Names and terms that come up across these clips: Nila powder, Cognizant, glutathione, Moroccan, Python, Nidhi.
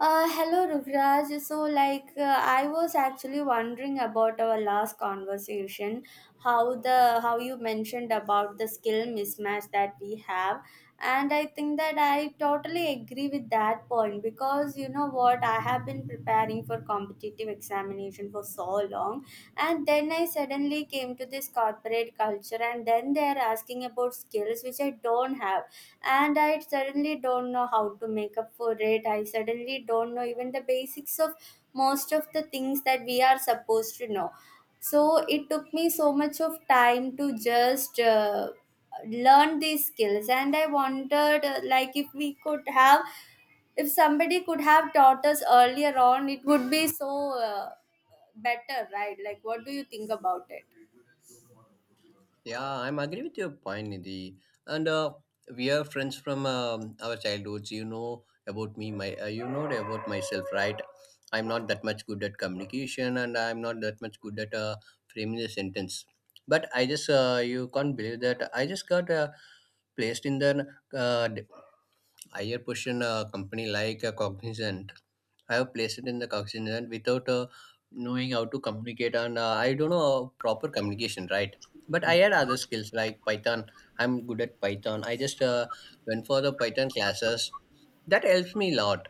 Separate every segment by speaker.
Speaker 1: Hello, Rukraj. So, I was actually wondering about our last conversation, how you mentioned about the skill mismatch that we have, and I think that I totally agree with that point because you know what, I have been preparing for competitive examination for so long, and then I suddenly came to this corporate culture, and then they are asking about skills which I don't have, and I suddenly don't know how to make up for it. I suddenly don't know even the basics of most of the things that we are supposed to know. So it took me so much of time to just learn these skills. And I wondered, like, if we could have, if somebody could have taught us earlier on, it would be so better, right? Like, what do you think about it?
Speaker 2: Yeah, I'm agree with your point, Nidhi. And we are friends from our childhoods. You know about me, my you know about myself, right? I'm not that much good at communication, and I'm not that much good at framing the sentence. But I just you can't believe that I just got placed in the uh, d- higher position company like Cognizant. I have placed it in the Cognizant, and without knowing how to communicate, and I don't know, proper communication, right? But I had other skills like Python. I'm good at Python. I just went for the Python classes. That helps me a lot.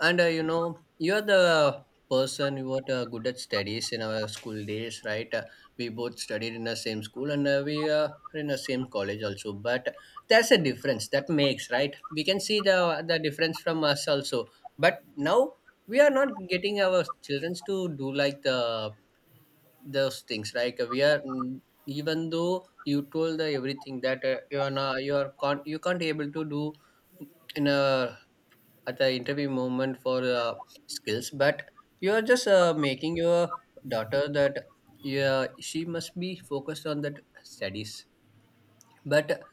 Speaker 2: And you're the person who was good at studies in our school days, right? We both studied in the same school, and we are in the same college also. But there's a difference that makes, right? We can see the difference from us also. But now we are not getting our children to do like the those things. Like we are, even though you told the everything that you are not, you are can't you can't able to do in a at the interview moment for skills. But you are just making your daughter that yeah, she must be focused on that studies. But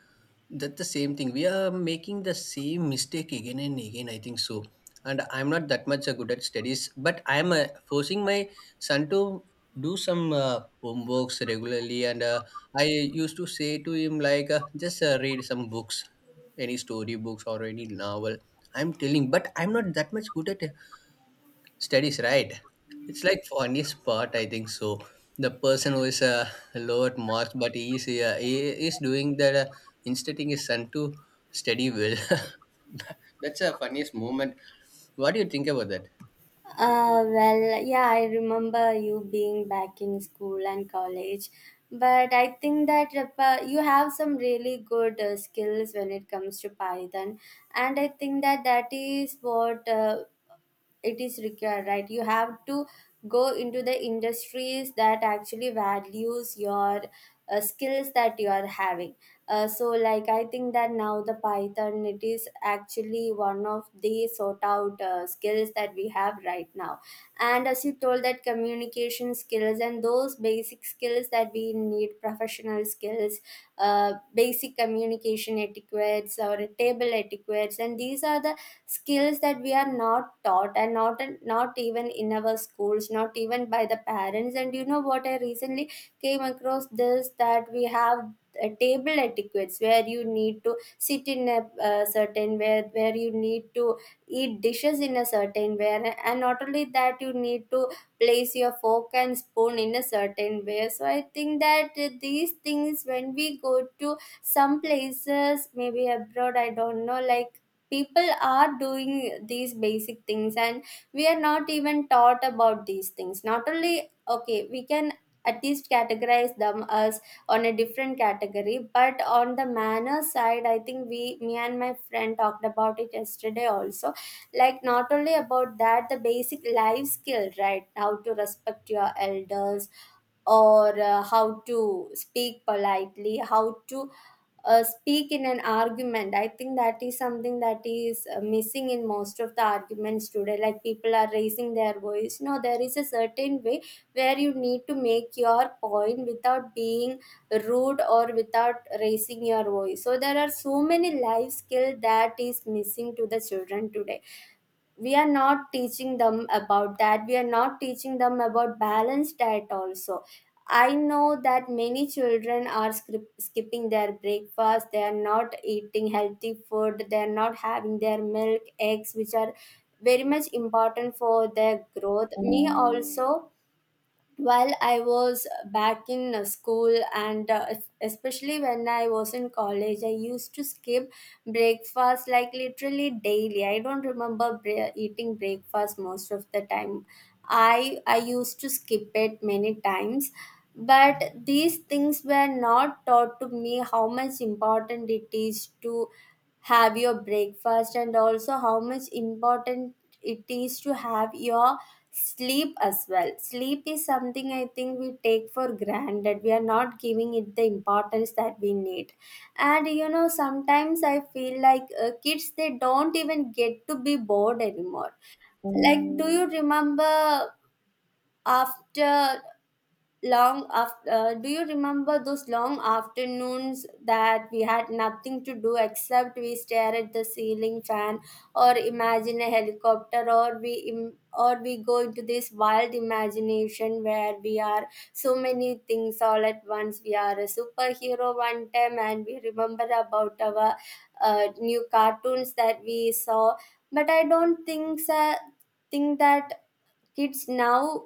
Speaker 2: that's the same thing. We are making the same mistake again and again, I think so. And I'm not that much good at studies, but I'm forcing my son to do some homeworks regularly. And I used to say to him, like, just read some books, any story books or any novel. I'm telling, but I'm not that much good at studies, right? It's like funniest part, I think so. The person who is lower marks, but he is doing that, instructing his son to study well. That's a funniest moment. What do you think about that?
Speaker 1: Yeah, I remember you being back in school and college, but I think that you have some really good skills when it comes to Python, and I think that that is what it is required, right? You have to go into the industries that actually values your skills that you are having. So, I think that now the Python, it is actually one of the sort out skills that we have right now. And as you told, that communication skills and those basic skills that we need, professional skills, uh, basic communication etiquettes or table etiquettes, and these are the skills that we are not taught, and not even in our schools, not even by the parents. And you know what, I recently came across this, that we have table etiquettes where you need to sit in a certain, where you need to eat dishes in a certain way, and not only that, you need to place your fork and spoon in a certain way. So I think that these things, when we go to some places, maybe abroad, I don't know, like, people are doing these basic things, and we are not even taught about these things. Not only, okay, we can at least categorize them as on a different category, but on the manner side, I think, we, me and my friend talked about it yesterday also, like, not only about that, the basic life skill, right? How to respect your elders, or how to speak politely, how to speak in an argument. I think that is something that is missing in most of the arguments today. Like, people are raising their voice. No, there is a certain way where you need to make your point without being rude or without raising your voice. So there are so many life skills that is missing to the children today. We are not teaching them about that. We are not teaching them about balanced diet also. I know that many children are skipping their breakfast. They are not eating healthy food. They are not having their milk, eggs, which are very much important for their growth. Me also, while I was back in school, and especially when I was in college, I used to skip breakfast, like, literally daily. I don't remember eating breakfast most of the time. I used to skip it many times, but these things were not taught to me, how much important it is to have your breakfast, and also how much important it is to have your sleep as well. Sleep is something, I think, we take for granted. We are not giving it the importance that we need. And you know, sometimes I feel like kids, they don't even get to be bored anymore. Like, do you remember after long after do you remember those long afternoons that we had nothing to do except we stare at the ceiling fan or imagine a helicopter, or or we go into this wild imagination where we are so many things all at once. We are a superhero one time, and we remember about our new cartoons that we saw. But I don't think so, think that kids now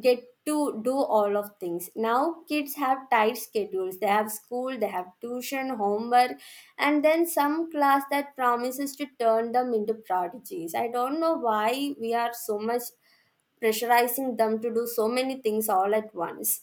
Speaker 1: get to do all of things. Now kids have tight schedules. They have school, they have tuition, homework, and then some class that promises to turn them into prodigies. I don't know why we are so much pressurizing them to do so many things all at once.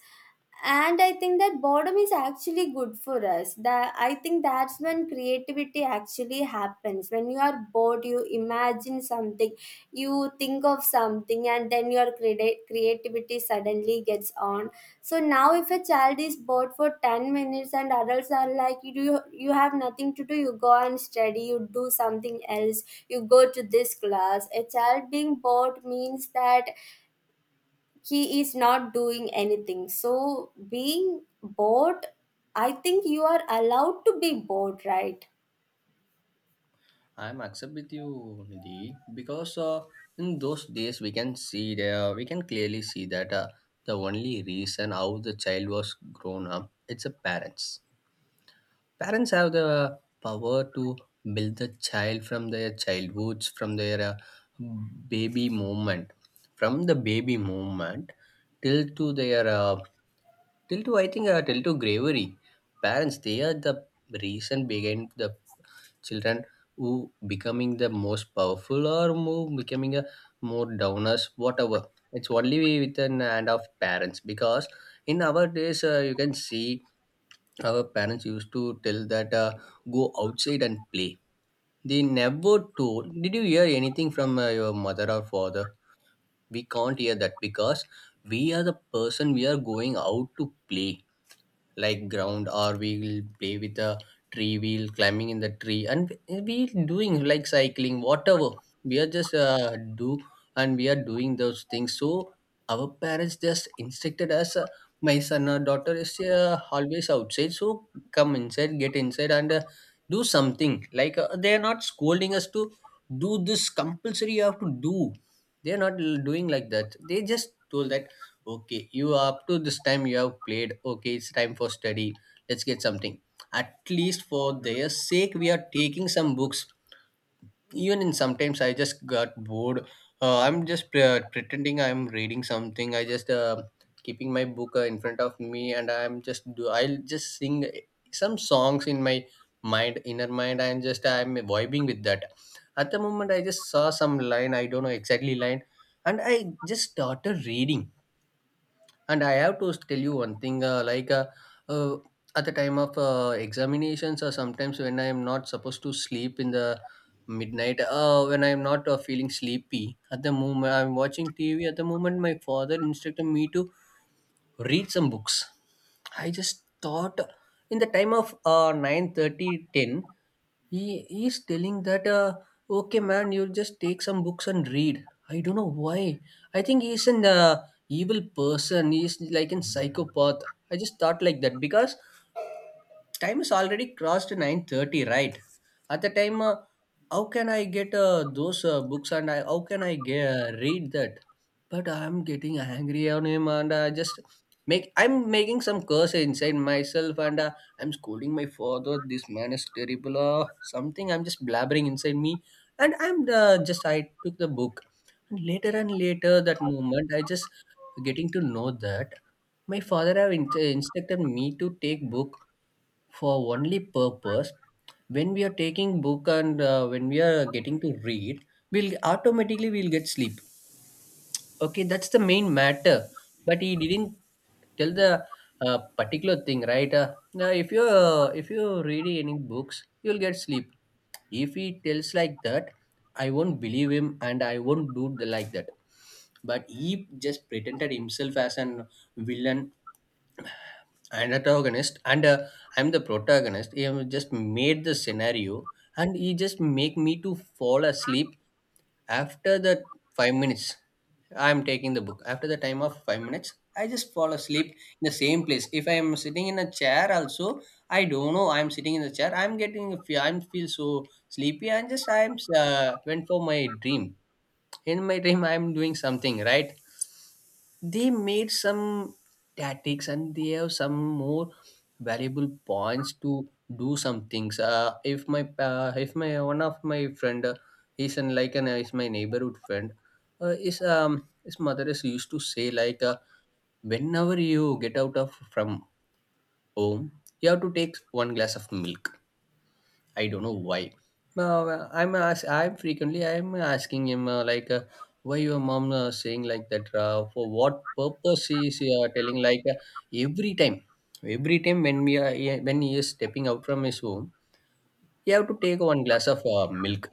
Speaker 1: And I think that boredom is actually good for us. That I think that's when creativity actually happens. When you are bored, you imagine something, you think of something, and then your creativity suddenly gets on. So now if a child is bored for 10 minutes, and adults are like, you do, you have nothing to do, you go and study, you do something else, you go to this class, a child being bored means that he is not doing anything. So being bored, I think you are allowed to be bored, right?
Speaker 2: I'm accept with you, Nidhi, because in those days we can see there, we can clearly see that the only reason how the child was grown up, it's the parents. Parents have the power to build the child from their childhoods, baby moment from the baby moment, till to their till to, I think, till to bravery. Parents, they are the reason behind the children who becoming the most powerful, or more becoming a more downers, whatever. It's only with an hand of parents. Because in our days, you can see our parents used to tell that, go outside and play. They never told, did you hear anything from your mother or father? We can't hear that, because we are the person, we are going out to play, like ground, or we'll play with a tree, we'll climbing in the tree, and we doing like cycling, whatever. We are just do, and we are doing those things. So our parents just instructed us, my son or daughter is always outside, so come inside, get inside, and do something. Like they are not scolding us to do this compulsory, you have to do. They are not doing like that. They just told that, okay, you are up to this time you have played. Okay, it's time for study. Let's get something. At least for their sake, we are taking some books. Even in sometimes I just got bored. I'm just pretending I'm reading something. I just keeping my book in front of me, and I'm just do. I'll just sing some songs in my mind, inner mind, and just I'm vibing with that. At the moment, I just saw some line. I don't know exactly line, and I just started reading. And I have to tell you one thing, like, uh, at the time of examinations, or sometimes when I am not supposed to sleep in the midnight, when I'm not feeling sleepy, at the moment I'm watching TV, at the moment my father instructed me to read some books. I just thought, in the time of 9:30, 10. He is telling that, okay, man, you'll just take some books and read. I don't know why. I think he's an evil person. He's like a psychopath. I just thought like that, because time is already crossed 9:30, right? At the time, how can I get those books, and how can I get, read that. But I'm getting angry on him, and I just make I'm making some curse inside myself. And I'm scolding my father, this man is terrible or something. I'm just blabbering inside me. And I'm just I took the book. And later and later that moment, I just getting to know that my father have instructed me to take book, for only purpose, when we are taking book and when we are getting to read, we'll automatically we'll get sleep. Okay, that's the main matter. But he didn't tell the particular thing, right? Now if you read any books, you'll get sleep. If he tells like that, I won't believe him, and I won't do the like that. But he just pretended himself as an villain, an antagonist. And I'm the protagonist. He have just made the scenario, and he just make me to fall asleep after the 5 minutes. I'm taking the book, after the time of 5 minutes I just fall asleep in the same place. If I am sitting in a chair also, I don't know, I'm sitting in the chair, I'm getting a I'm feel so sleepy. And just I'm went for my dream. In my dream I'm doing something, right? They made some tactics, and they have some more valuable points to do some things. If my one of my friend, he's in like an is my neighborhood friend. His mother is used to say, like, whenever you get out of from home, you have to take one glass of milk. I don't know why. I'm frequently I'm asking him, like, why your mom saying like that, for what purpose she is telling like, every time every time when when he is stepping out from his home, he have to take one glass of milk.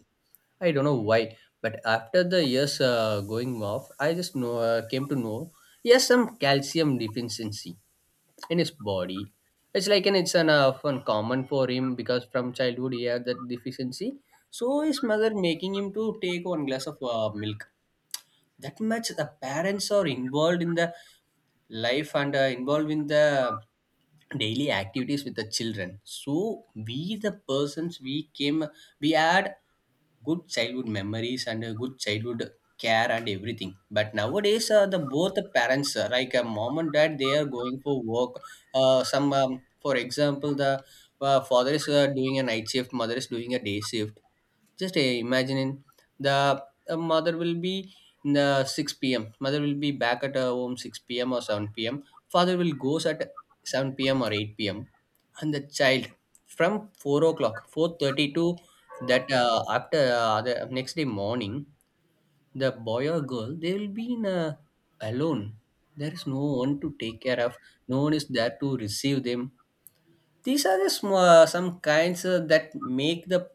Speaker 2: I don't know why, but after the years going off, I just know came to know he has some calcium deficiency in his body. It's an fun common for him, because from childhood he had that deficiency. So his mother making him to take one glass of milk. That much the parents are involved in the life, and involved in the daily activities with the children. So we the persons, we came, we had good childhood memories and a good childhood care and everything. But nowadays the both the parents, like a mom and dad, they are going for work. Some, for example, the father is doing a night shift, mother is doing a day shift. Just imagining, the mother will be in, 6 p.m. Mother will be back at her home 6 p.m. or 7 p.m. Father will goes at 7 p.m. or 8 p.m. And the child from 4 o'clock, 4:30 to that after, the next day morning, the boy or girl, they will be in a alone. There is no one to take care of. No one is there to receive them. These are the small, some kinds that make the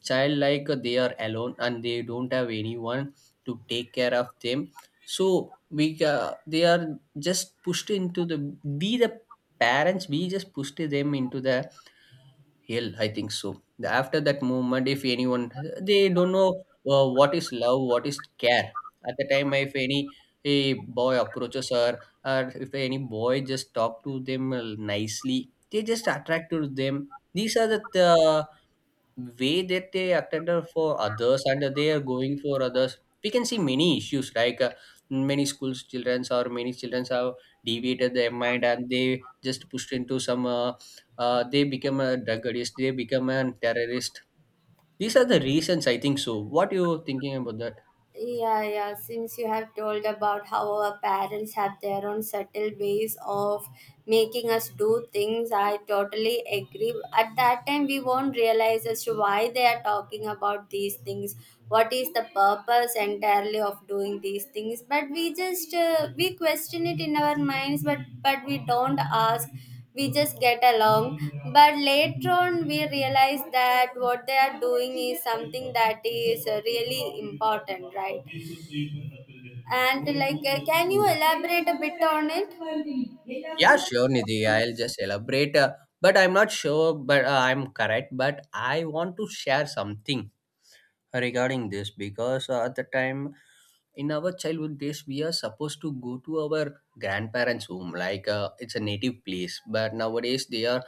Speaker 2: child, like they are alone and they don't have anyone to take care of them. So we they are just pushed into the, we the parents we just pushed them into the hell, I think so. After that movement, if anyone, they don't know what is love, what is care. At the time, if any a boy approaches her, or if any boy just talk to them nicely, they just attract to them. These are the way that they attended for others, and they are going for others. We can see many issues, like many schools childrens or many childrens have deviated their mind, and they just pushed into some they become a drug addict, they become a terrorist. These are the reasons, I think so. What you thinking about that?
Speaker 1: Yeah, yeah. Since you have told about how our parents have their own subtle ways of making us do things, I totally agree. At that time, we won't realize as to why they are talking about these things, what is the purpose entirely of doing these things. But we just, we question it in our minds, but we don't ask, we just get along. But later on we realize that what they are doing is something that is really important, right? And like, can you elaborate a bit on it?
Speaker 2: Yeah, sure, Nidhi. I'll just elaborate, but I'm not sure, but I'm correct, but I want to share something regarding this. Because at the time, in our childhood days, we are supposed to go to our grandparents home, like, it's a native place. But nowadays they are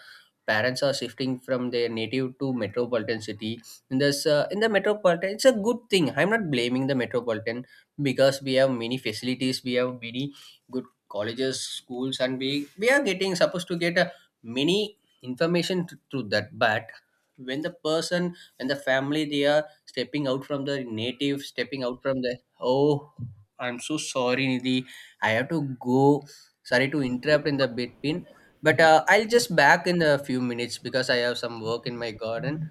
Speaker 2: parents are shifting from their native to metropolitan city. In the metropolitan, it's a good thing, I'm not blaming the metropolitan. Because we have many facilities, we have many good colleges, schools, and we are getting supposed to get a many information through that. But when the person when the family, they are stepping out from the native, stepping out from the— oh, I'm so sorry, Nidhi. I have to go. Sorry to interrupt in the between. But I'll just back in a few minutes, because I have some work in my garden.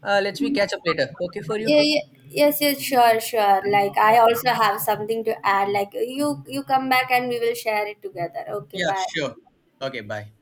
Speaker 2: Let's we catch up later. Okay for you?
Speaker 1: Yeah, yeah. Yes, yes, sure, sure. Like, I
Speaker 2: Okay.
Speaker 1: also have something to add. Like, you come back and we will share it together. Okay,
Speaker 2: Yeah, sure.
Speaker 1: bye.
Speaker 2: Okay, bye.